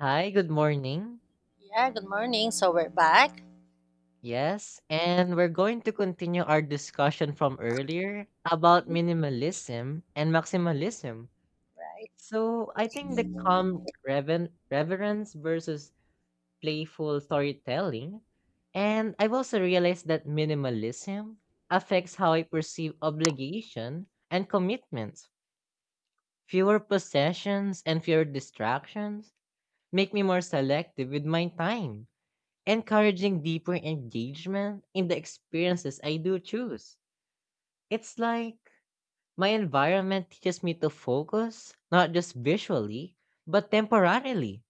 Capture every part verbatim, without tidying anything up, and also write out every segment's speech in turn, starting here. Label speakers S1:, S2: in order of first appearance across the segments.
S1: Hi, good morning.
S2: Yeah, good morning. So we're back.
S1: Yes, and we're going to continue our discussion from earlier about minimalism and maximalism.
S2: Right.
S1: So, I think the calm reven- reverence versus playful storytelling. And I've also realized that minimalism affects how I perceive obligation and commitments. Fewer possessions and fewer distractions make me more selective with my time, encouraging deeper engagement in the experiences I do choose. It's like my environment teaches me to focus, not just visually, but temporarily.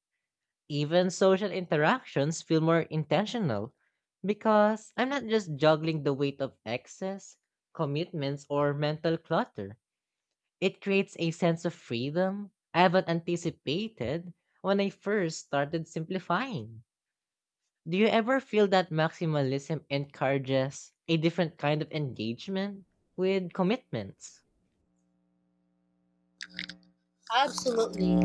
S1: Even social interactions feel more intentional because I'm not just juggling the weight of excess, commitments, or mental clutter. It creates a sense of freedom I haven't anticipated when I first started simplifying. Do you ever feel that maximalism encourages a different kind of engagement with commitments?
S2: Absolutely.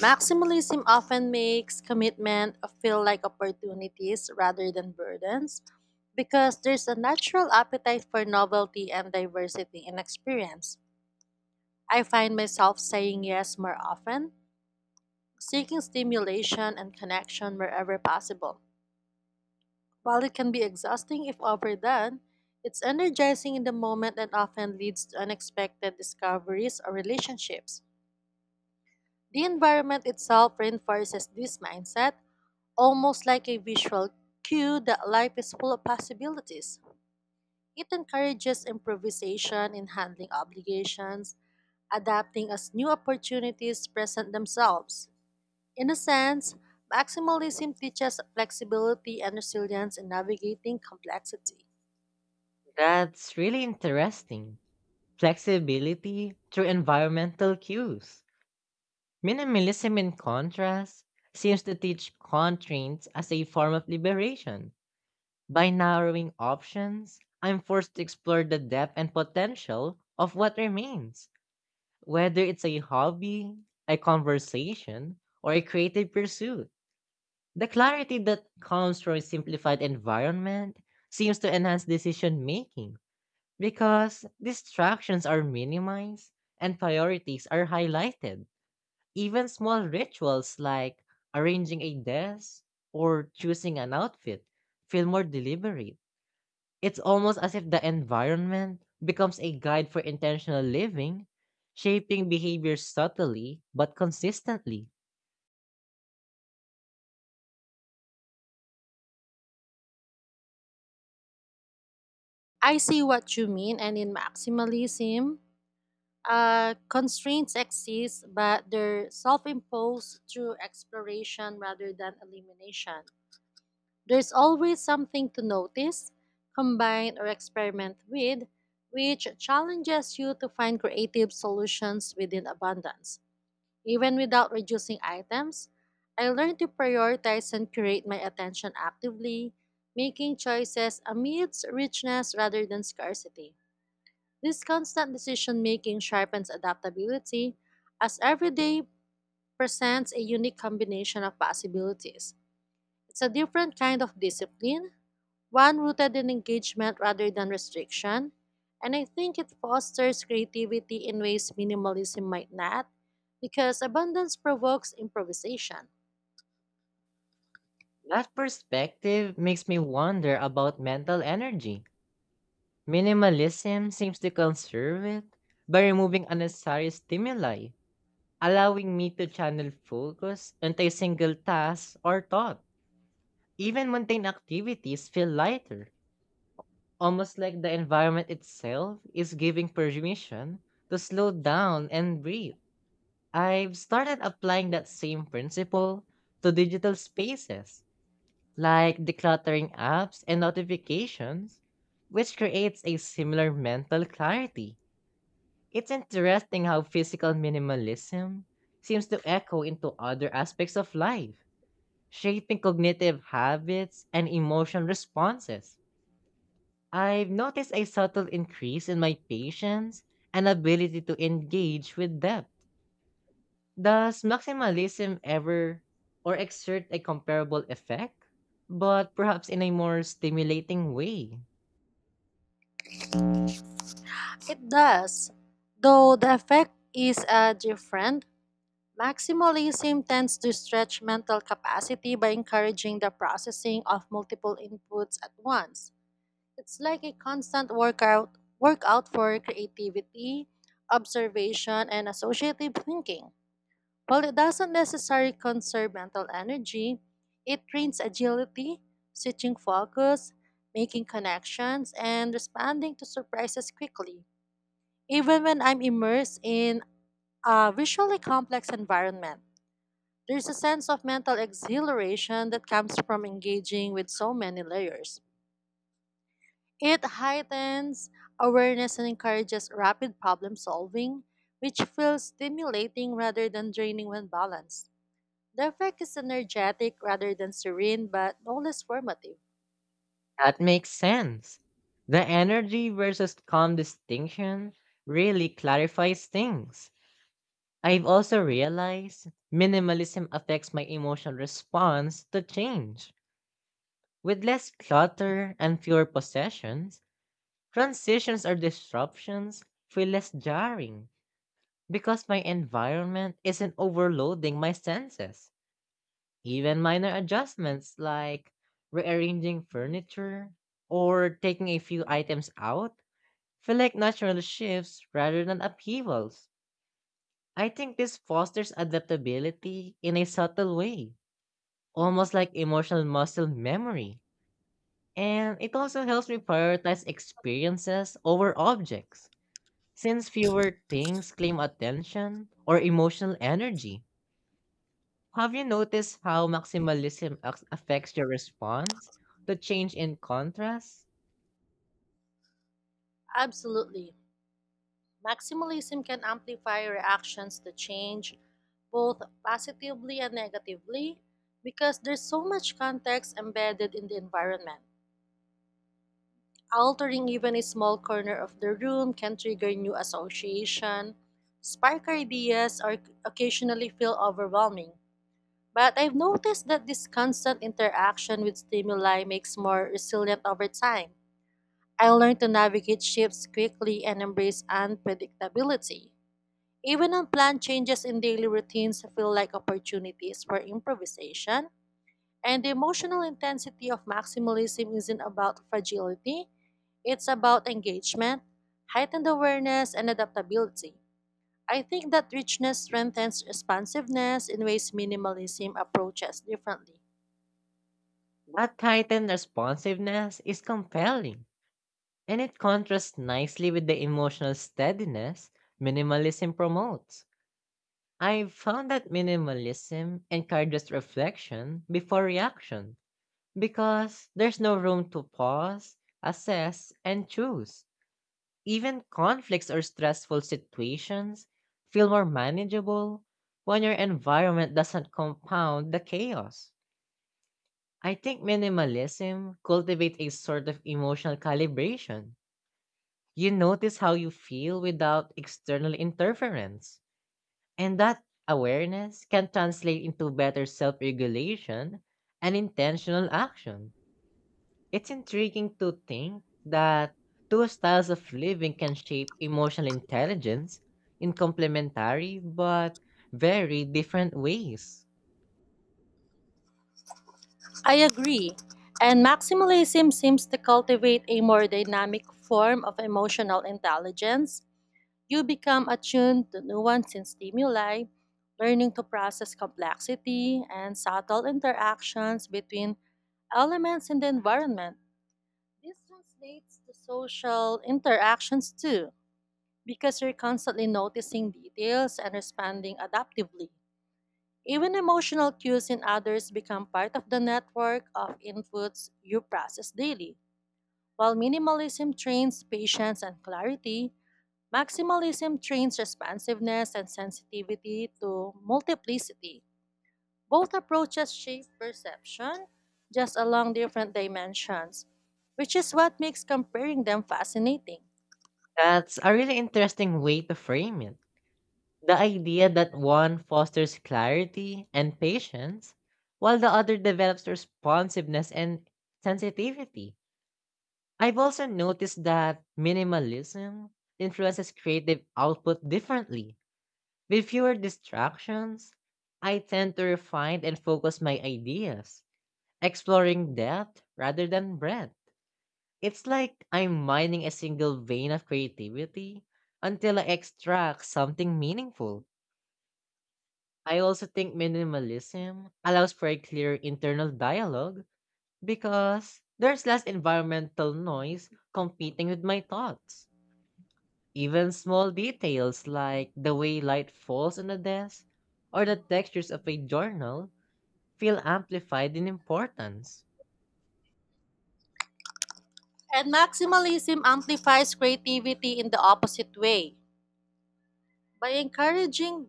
S2: Maximalism often makes commitment feel like opportunities rather than burdens because there's a natural appetite for novelty and diversity in experience. I find myself saying yes more often, seeking stimulation and connection wherever possible. While it can be exhausting if overdone, it's energizing in the moment and often leads to unexpected discoveries or relationships. The environment itself reinforces this mindset, almost like a visual cue that life is full of possibilities. It encourages improvisation in handling obligations, adapting as new opportunities present themselves. In a sense, maximalism teaches flexibility and resilience in navigating complexity.
S1: That's really interesting. Flexibility through environmental cues. Minimalism, in contrast, seems to teach constraints as a form of liberation. By narrowing options, I'm forced to explore the depth and potential of what remains, whether it's a hobby, a conversation, or a creative pursuit. The clarity that comes from a simplified environment seems to enhance decision making because distractions are minimized and priorities are highlighted. Even small rituals like arranging a desk or choosing an outfit feel more deliberate. It's almost as if the environment becomes a guide for intentional living, shaping behavior subtly but consistently.
S2: I see what you mean, and in maximalism, Uh, constraints exist, but they're self imposed through exploration rather than elimination. There's always something to notice, combine, or experiment with, which challenges you to find creative solutions within abundance. Even without reducing items, I learned to prioritize and curate my attention actively, making choices amidst richness rather than scarcity. This constant decision making sharpens adaptability, as every day presents a unique combination of possibilities. It's a different kind of discipline, one rooted in engagement rather than restriction, and I think it fosters creativity in ways minimalism might not, because abundance provokes improvisation.
S1: That perspective makes me wonder about mental energy. Minimalism seems to conserve it by removing unnecessary stimuli, allowing me to channel focus into a single task or thought. Even mundane activities feel lighter, almost like the environment itself is giving permission to slow down and breathe. I've started applying that same principle to digital spaces like decluttering apps and notifications, which creates a similar mental clarity. It's interesting how physical minimalism seems to echo into other aspects of life, shaping cognitive habits and emotional responses. I've noticed a subtle increase in my patience and ability to engage with depth. Does maximalism ever or exert a comparable effect, but perhaps in a more stimulating way?
S2: It does, though the effect is uh, different. Maximalism tends to stretch mental capacity by encouraging the processing of multiple inputs at once. It's like a constant workout workout for creativity, observation, and associative thinking. While it doesn't necessarily conserve mental energy, it trains agility, switching focus, making connections, and responding to surprises quickly, even when I'm immersed in a visually complex environment. There's a sense of mental exhilaration that comes from engaging with so many layers. It heightens awareness and encourages rapid problem solving, which feels stimulating rather than draining when balanced. The effect is energetic rather than serene, but no less formative.
S1: That makes sense. The energy versus calm distinction really clarifies things. I've also realized minimalism affects my emotional response to change. With less clutter and fewer possessions, transitions or disruptions feel less jarring, because my environment isn't overloading my senses. Even minor adjustments like rearranging furniture or taking a few items out feel like natural shifts rather than upheavals. I think this fosters adaptability in a subtle way, almost like emotional muscle memory. And it also helps me prioritize experiences over objects, since fewer things claim attention or emotional energy. Have you noticed how maximalism ac- affects your response? The change in contrast?
S2: Absolutely. Maximalism can amplify reactions to change, both positively and negatively, because there's so much context embedded in the environment. Altering even a small corner of the room can trigger new association, spark ideas, or occasionally feel overwhelming. But I've noticed that this constant interaction with stimuli makes more resilient over time. I learned to navigate shifts quickly and embrace unpredictability. Even unplanned changes in daily routines feel like opportunities for improvisation, and the emotional intensity of maximalism isn't about fragility, it's about engagement, heightened awareness, and adaptability. I think that richness strengthens responsiveness in ways minimalism approaches differently.
S1: That heightened responsiveness is compelling, and it contrasts nicely with the emotional steadiness minimalism promotes. I've found that minimalism encourages reflection before reaction because there's no room to pause, assess, and choose. Even conflicts or stressful situations feel more manageable when your environment doesn't compound the chaos. I think minimalism cultivates a sort of emotional calibration. You notice how you feel without external interference, and that awareness can translate into better self regulation and intentional action. It's intriguing to think that two styles of living can shape emotional intelligence in complementary but very different ways.
S2: I agree. And maximalism seems to cultivate a more dynamic form of emotional intelligence. You become attuned to nuance in stimuli, learning to process complexity and subtle interactions between elements in the environment. This translates to social interactions too, because you're constantly noticing details and responding adaptively. Even emotional cues in others become part of the network of inputs you process daily. While minimalism trains patience and clarity, maximalism trains responsiveness and sensitivity to multiplicity. Both approaches shape perception, just along different dimensions, which is what makes comparing them fascinating.
S1: That's a really interesting way to frame it. The idea that one fosters clarity and patience, while the other develops responsiveness and sensitivity. I've also noticed that minimalism influences creative output differently. With fewer distractions, I tend to refine and focus my ideas, exploring depth rather than breadth. It's like I'm mining a single vein of creativity until I extract something meaningful. I also think minimalism allows for a clear internal dialogue because there's less environmental noise competing with my thoughts. Even small details like the way light falls on a desk or the textures of a journal feel amplified in importance.
S2: And maximalism amplifies creativity in the opposite way, by encouraging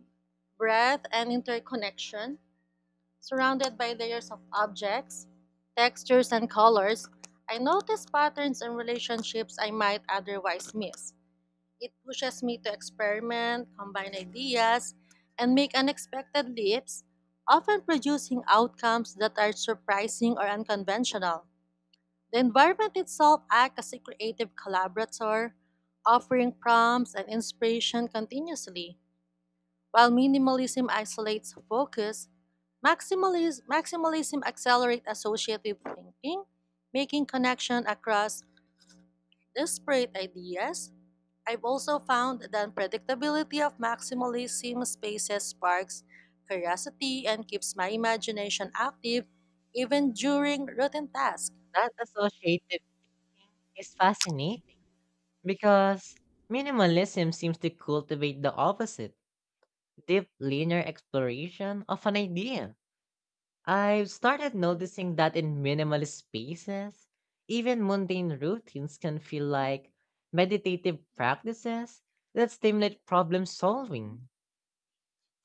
S2: breadth and interconnection. Surrounded by layers of objects, textures, and colors, I notice patterns and relationships I might otherwise miss. It pushes me to experiment, combine ideas, and make unexpected leaps, often producing outcomes that are surprising or unconventional. The environment itself acts as a creative collaborator, offering prompts and inspiration continuously. While minimalism isolates focus, maximalism, maximalism accelerates associative thinking, making connection across disparate ideas. I've also found that unpredictability of maximalism spaces sparks curiosity and keeps my imagination active even during routine tasks.
S1: That associative is fascinating because minimalism seems to cultivate the opposite, deep linear exploration of an idea. I've started noticing that in minimalist spaces, even mundane routines can feel like meditative practices that stimulate problem solving.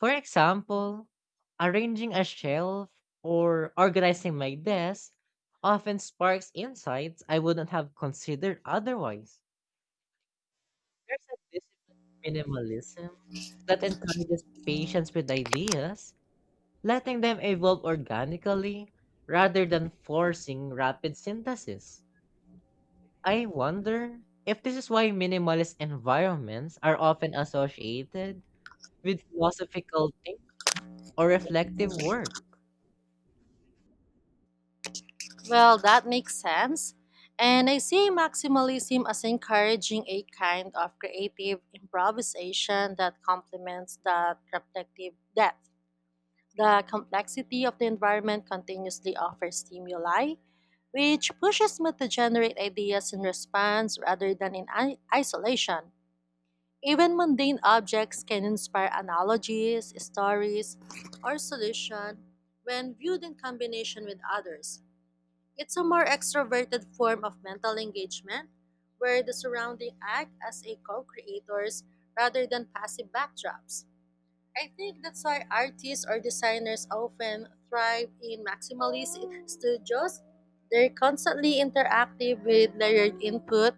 S1: For example, arranging a shelf or organizing my desk often sparks insights I wouldn't have considered otherwise. There's a disciplined minimalism that encourages patience with ideas, letting them evolve organically rather than forcing rapid synthesis. I wonder if this is why minimalist environments are often associated with philosophical thinking or reflective work.
S2: Well, that makes sense. And I see maximalism as encouraging a kind of creative improvisation that complements the reflective depth. The complexity of the environment continuously offers stimuli, which pushes me to generate ideas in response rather than in i- isolation. Even mundane objects can inspire analogies, stories, or solutions when viewed in combination with others. It's a more extroverted form of mental engagement where the surrounding act as a co-creators rather than passive backdrops. I think that's why artists or designers often thrive in maximalist studios. They're constantly interactive with layered input,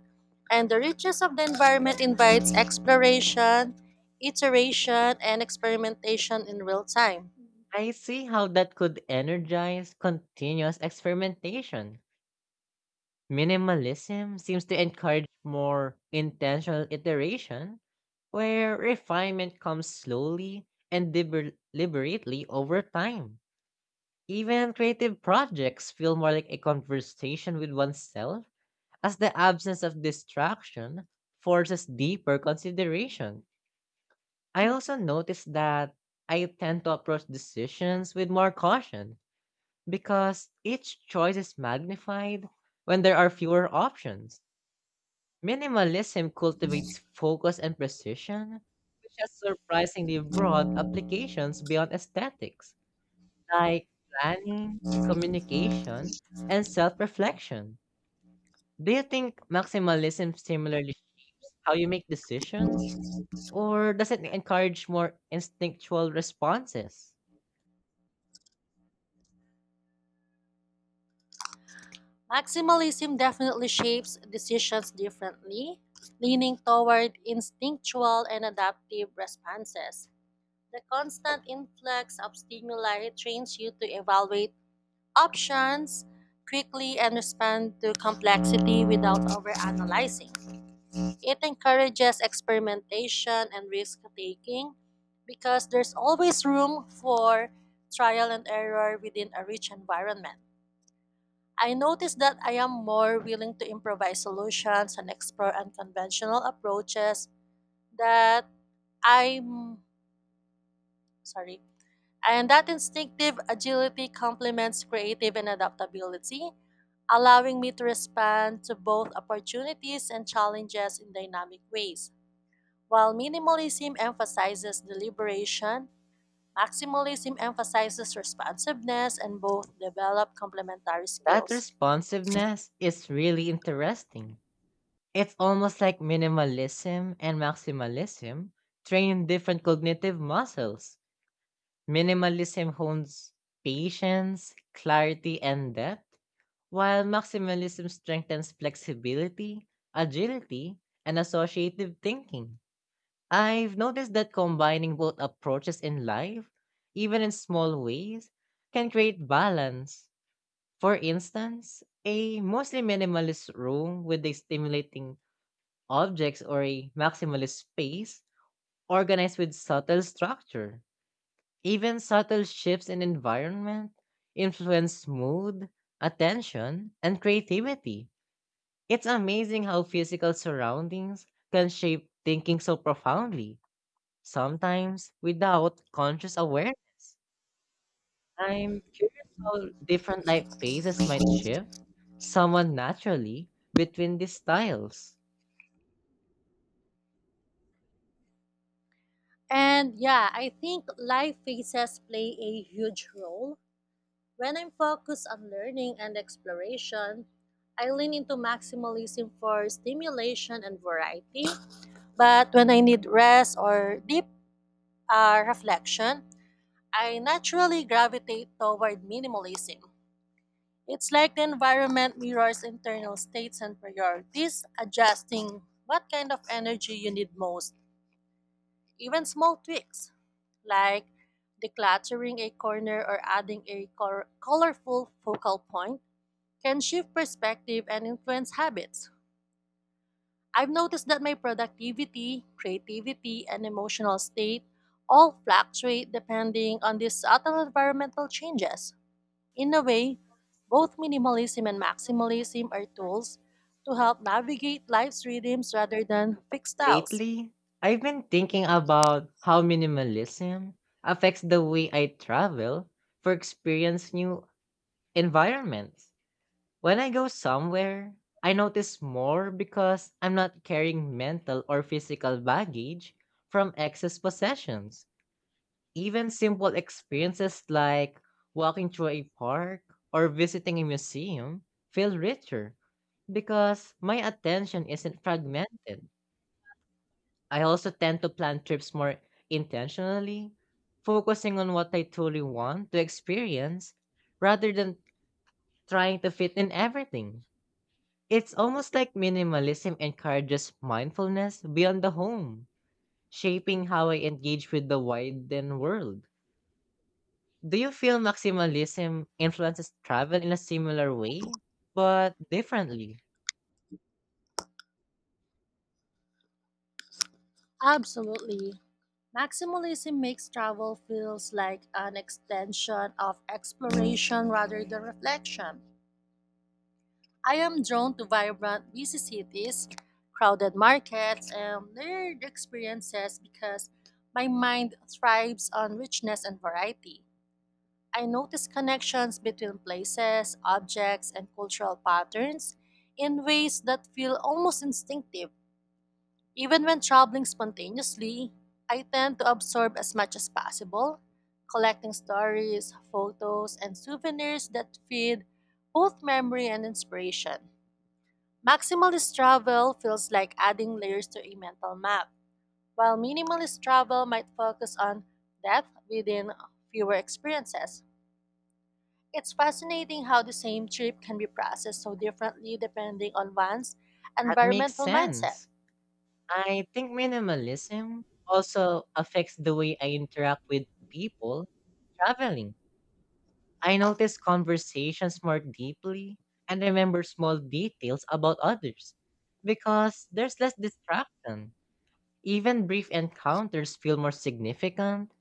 S2: and the richness of the environment invites exploration, iteration, and experimentation in real time.
S1: I see how that could energize continuous experimentation. Minimalism seems to encourage more intentional iteration, where refinement comes slowly and liber- deliberately over time. Even creative projects feel more like a conversation with oneself, as the absence of distraction forces deeper consideration. I also noticed that I tend to approach decisions with more caution because each choice is magnified when there are fewer options. Minimalism cultivates focus and precision, which has surprisingly broad applications beyond aesthetics, like planning, communication, and self reflection. Do you think maximalism similarly shapes how you make decisions, or does it encourage more instinctual responses?
S2: Maximalism definitely shapes decisions differently, leaning toward instinctual and adaptive responses. The constant influx of stimuli trains you to evaluate options quickly and respond to complexity without overanalyzing. It encourages experimentation and risk taking because there's always room for trial and error within a rich environment. I notice that I am more willing to improvise solutions and explore unconventional approaches that I'm sorry And that instinctive agility complements creative and adaptability, allowing me to respond to both opportunities and challenges in dynamic ways. While minimalism emphasizes deliberation, maximalism emphasizes responsiveness, and both develop complementary
S1: That
S2: skills.
S1: responsiveness is really interesting. It's almost like minimalism and maximalism train different cognitive muscles. Minimalism hones patience, clarity, and depth, while maximalism strengthens flexibility, agility, and associative thinking. I've noticed that combining both approaches in life, even in small ways, can create balance. For instance, a mostly minimalist room with a stimulating objects or a maximalist space organized with subtle structure. Even subtle shifts in environment influence mood, attention, and creativity. It's amazing how physical surroundings can shape thinking so profoundly, sometimes without conscious awareness. I'm curious how different life phases might shift someone naturally between these styles.
S2: And yeah, I think life phases play a huge role. When I'm focused on learning and exploration, I lean into maximalism for stimulation and variety. But when I need rest or deep uh, reflection, I naturally gravitate toward minimalism. It's like the environment mirrors internal states and priorities, adjusting what kind of energy you need most. Even small tweaks like decluttering a corner or adding a cor- colorful focal point can shift perspective and influence habits. I've noticed that my productivity, creativity, and emotional state all fluctuate depending on these subtle environmental changes. In a way, both minimalism and maximalism are tools to help navigate life's rhythms rather than fixed styles.
S1: Lately, I've been thinking about how minimalism affects the way I travel for experience new environments. When I go somewhere, I notice more because I'm not carrying mental or physical baggage from excess possessions. Even simple experiences like walking through a park or visiting a museum feel richer because my attention isn't fragmented. I also tend to plan trips more intentionally, focusing on what I truly want to experience rather than trying to fit in everything. It's almost like minimalism encourages mindfulness beyond the home, shaping how I engage with the widened world. Do you feel maximalism influences travel in a similar way, but differently?
S2: Absolutely. Maximalism makes travel feels like an extension of exploration rather than reflection. I am drawn to vibrant, busy cities, crowded markets, and layered experiences because my mind thrives on richness and variety. I notice connections between places, objects, and cultural patterns in ways that feel almost instinctive. Even when traveling spontaneously, I tend to absorb as much as possible, collecting stories, photos, and souvenirs that feed both memory and inspiration. Maximalist travel feels like adding layers to a mental map, while minimalist travel might focus on depth within fewer experiences. It's fascinating how the same trip can be processed so differently depending on one's
S1: That makes
S2: environmental mindset.
S1: sense. I think minimalism also affects the way I interact with people traveling. I notice conversations more deeply and remember small details about others because there's less distraction. Even brief encounters feel more significant,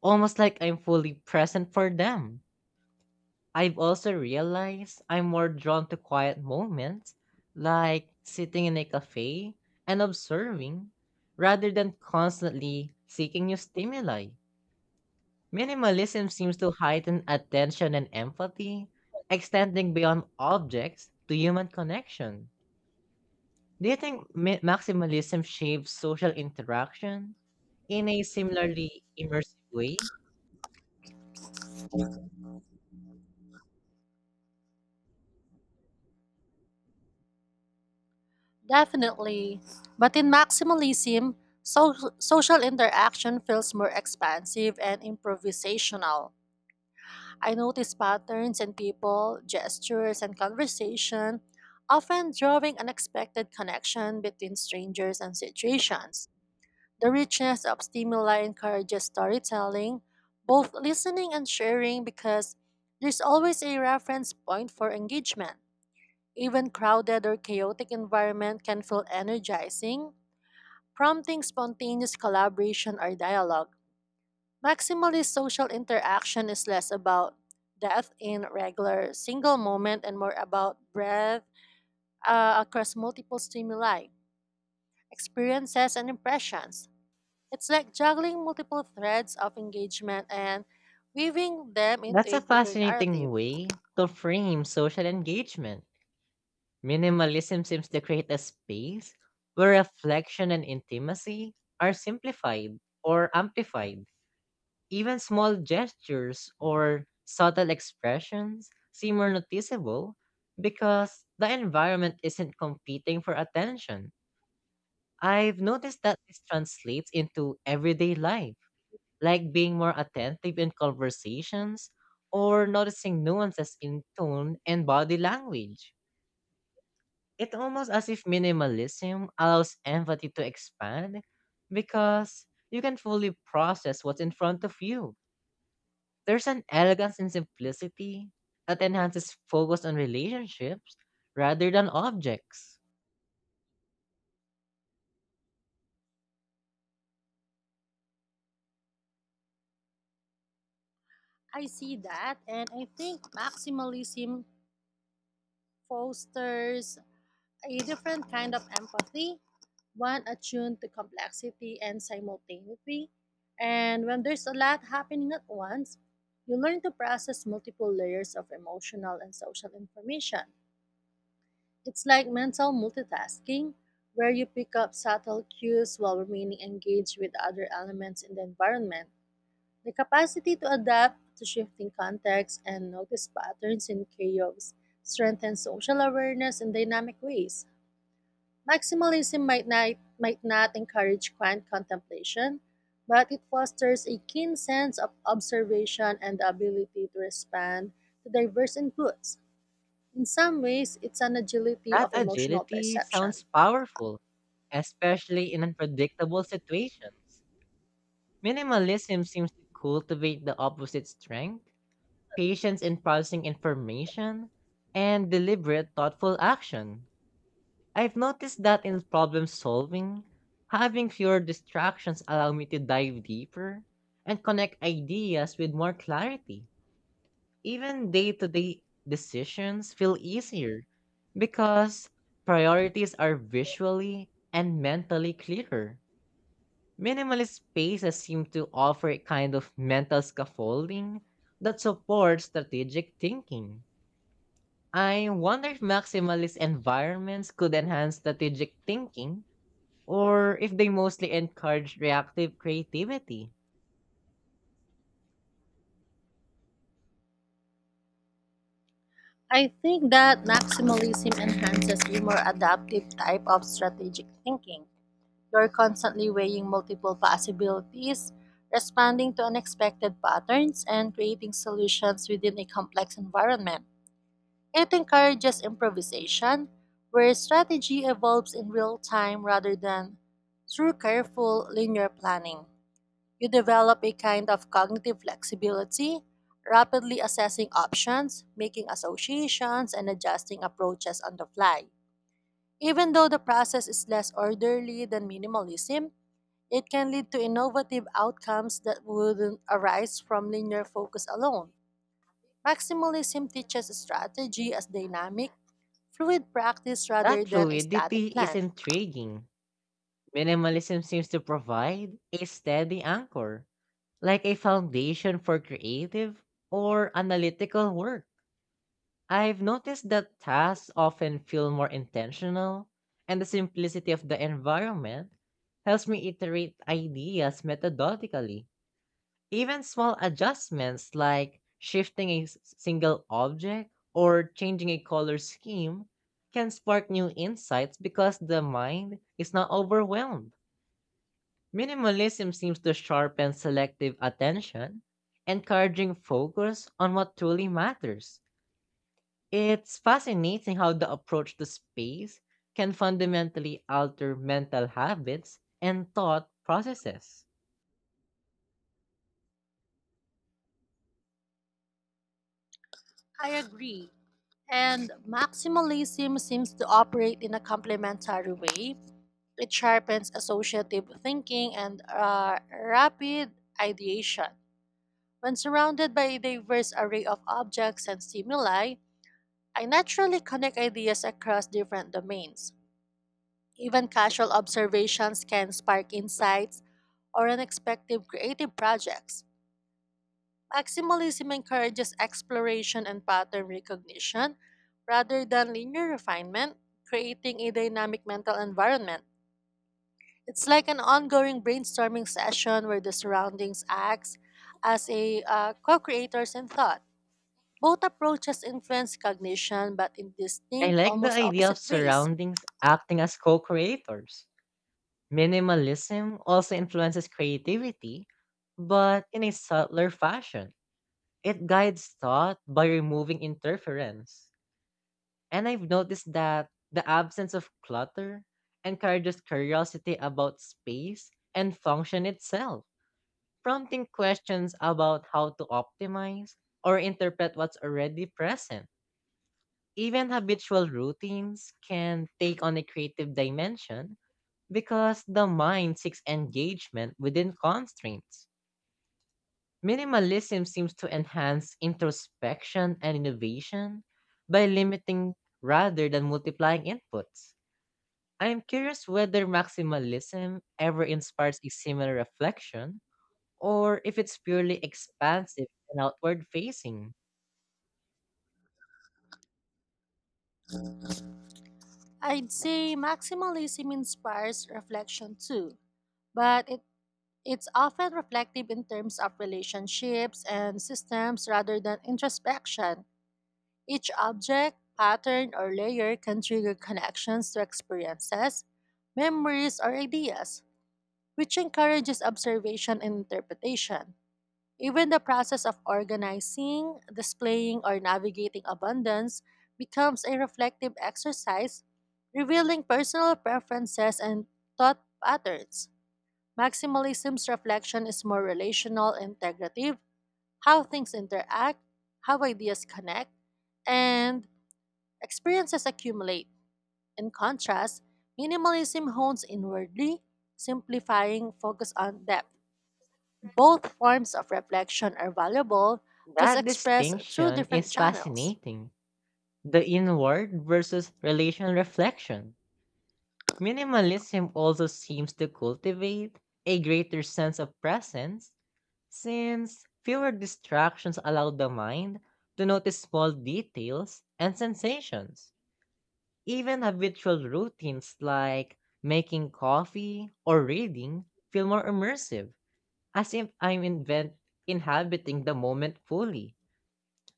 S1: almost like I'm fully present for them. I've also realized I'm more drawn to quiet moments, like sitting in a cafe and observing, rather than constantly seeking new stimuli. Minimalism seems to heighten attention and empathy, extending beyond objects to human connection. Do you think mi- maximalism shapes social interaction in a similarly immersive way?
S2: Definitely. But in maximalism, so- social interaction feels more expansive and improvisational. I notice patterns in people, gestures, and conversation, often drawing unexpected connection between strangers and situations. The richness of stimuli encourages storytelling, both listening and sharing, because there's always a reference point for engagement. Even crowded or chaotic environment can feel energizing, prompting spontaneous collaboration or dialogue. Maximalist social interaction is less about depth in regular single moment and more about breadth uh, across multiple stimuli, experiences, and impressions. It's like juggling multiple threads of engagement and weaving them into
S1: That's
S2: a
S1: a
S2: bigger
S1: fascinating
S2: narrative.
S1: way to frame social engagement. Minimalism seems to create a space where reflection and intimacy are simplified or amplified. Even small gestures or subtle expressions seem more noticeable because the environment isn't competing for attention. I've noticed that this translates into everyday life, like being more attentive in conversations or noticing nuances in tone and body language. It's almost as if minimalism allows empathy to expand because you can fully process what's in front of you. There's an elegance in simplicity that enhances focus on relationships rather than objects.
S2: I see that, and I think maximalism fosters a different kind of empathy, one attuned to complexity and simultaneity. And when there's a lot happening at once, you learn to process multiple layers of emotional and social information. It's like mental multitasking, where you pick up subtle cues while remaining engaged with other elements in the environment. The capacity to adapt to shifting contexts and notice patterns in chaos strengthens social awareness in dynamic ways. Maximalism might not, might not encourage quiet contemplation, but it fosters a keen sense of observation and the ability to respond to diverse inputs. In some ways, it's an agility
S1: That
S2: of emotional
S1: agility
S2: perception.
S1: sounds powerful, especially in unpredictable situations. Minimalism seems to cultivate the opposite strength, patience in processing information and deliberate, thoughtful action. I've noticed that in problem solving, having fewer distractions allow me to dive deeper and connect ideas with more clarity. Even day-to-day decisions feel easier because priorities are visually and mentally clearer. Minimalist spaces seem to offer a kind of mental scaffolding that supports strategic thinking. I wonder if maximalist environments could enhance strategic thinking or if they mostly encourage reactive creativity.
S2: I think that maximalism enhances a more adaptive type of strategic thinking. You're constantly weighing multiple possibilities, responding to unexpected patterns, and creating solutions within a complex environment. It encourages improvisation, where strategy evolves in real time rather than through careful linear planning. You develop a kind of cognitive flexibility, rapidly assessing options, making associations, and adjusting approaches on the fly. Even though the process is less orderly than minimalism, it can lead to innovative outcomes that wouldn't arise from linear focus alone. Maximalism teaches strategy as dynamic, fluid practice rather
S1: That
S2: than a
S1: fluidity
S2: static
S1: is
S2: plan.
S1: intriguing. Minimalism seems to provide a steady anchor, like a foundation for creative or analytical work. I've noticed that tasks often feel more intentional, and the simplicity of the environment helps me iterate ideas methodically. Even small adjustments like shifting a s- single object or changing a color scheme can spark new insights because the mind is not overwhelmed. Minimalism seems to sharpen selective attention, encouraging focus on what truly matters. It's fascinating how the approach to space can fundamentally alter mental habits and thought processes.
S2: I agree. And maximalism seems to operate in a complementary way. It sharpens associative thinking and uh, rapid ideation. When surrounded by a diverse array of objects and stimuli, I naturally connect ideas across different domains. Even casual observations can spark insights or unexpected creative projects. Maximalism encourages exploration and pattern recognition rather than linear refinement, creating a dynamic mental environment. It's like an ongoing brainstorming session where the surroundings acts as a uh, co-creators in thought. Both approaches influence cognition but in
S1: I
S2: distinct,
S1: like the
S2: almost
S1: idea of
S2: opposite ways.
S1: surroundings acting as co creators. Minimalism also influences creativity, but in a subtler fashion. It guides thought by removing interference. And I've noticed that the absence of clutter encourages curiosity about space and function itself, prompting questions about how to optimize or interpret what's already present. Even habitual routines can take on a creative dimension because the mind seeks engagement within constraints. Minimalism seems to enhance introspection and innovation by limiting rather than multiplying inputs. I am curious whether maximalism ever inspires a similar reflection or if it's purely expansive and outward facing.
S2: I'd say maximalism inspires reflection too, but it, it's often reflective in terms of relationships and systems rather than introspection. Each object, pattern, or layer can trigger connections to experiences, memories, or ideas, which encourages observation and interpretation. Even the process of organizing, displaying, or navigating abundance becomes a reflective exercise, revealing personal preferences and thought patterns. Maximalism's reflection is more relational, integrative: how things interact, how ideas connect, and experiences accumulate. In contrast, minimalism hones inwardly, simplifying focus on depth. Both forms of reflection are valuable, just
S1: That
S2: expressed through
S1: distinction
S2: different
S1: is
S2: channels.
S1: fascinating. The inward versus relational reflection. Minimalism also seems to cultivate a greater sense of presence since fewer distractions allow the mind to notice small details and sensations. Even habitual routines like making coffee or reading feel more immersive, as if I'm invent- inhabiting the moment fully.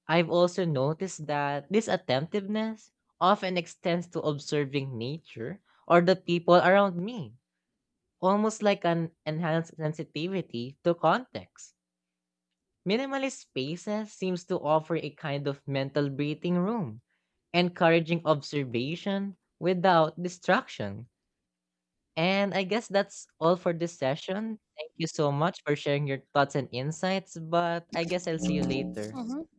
S1: I've also noticed that this attentiveness often extends to observing nature or the people around me, almost like an enhanced sensitivity to context. Minimalist spaces seems to offer a kind of mental breathing room, encouraging observation without distraction. And I guess that's all for this session. Thank you so much for sharing your thoughts and insights, but I guess I'll see you later.
S2: Mhm.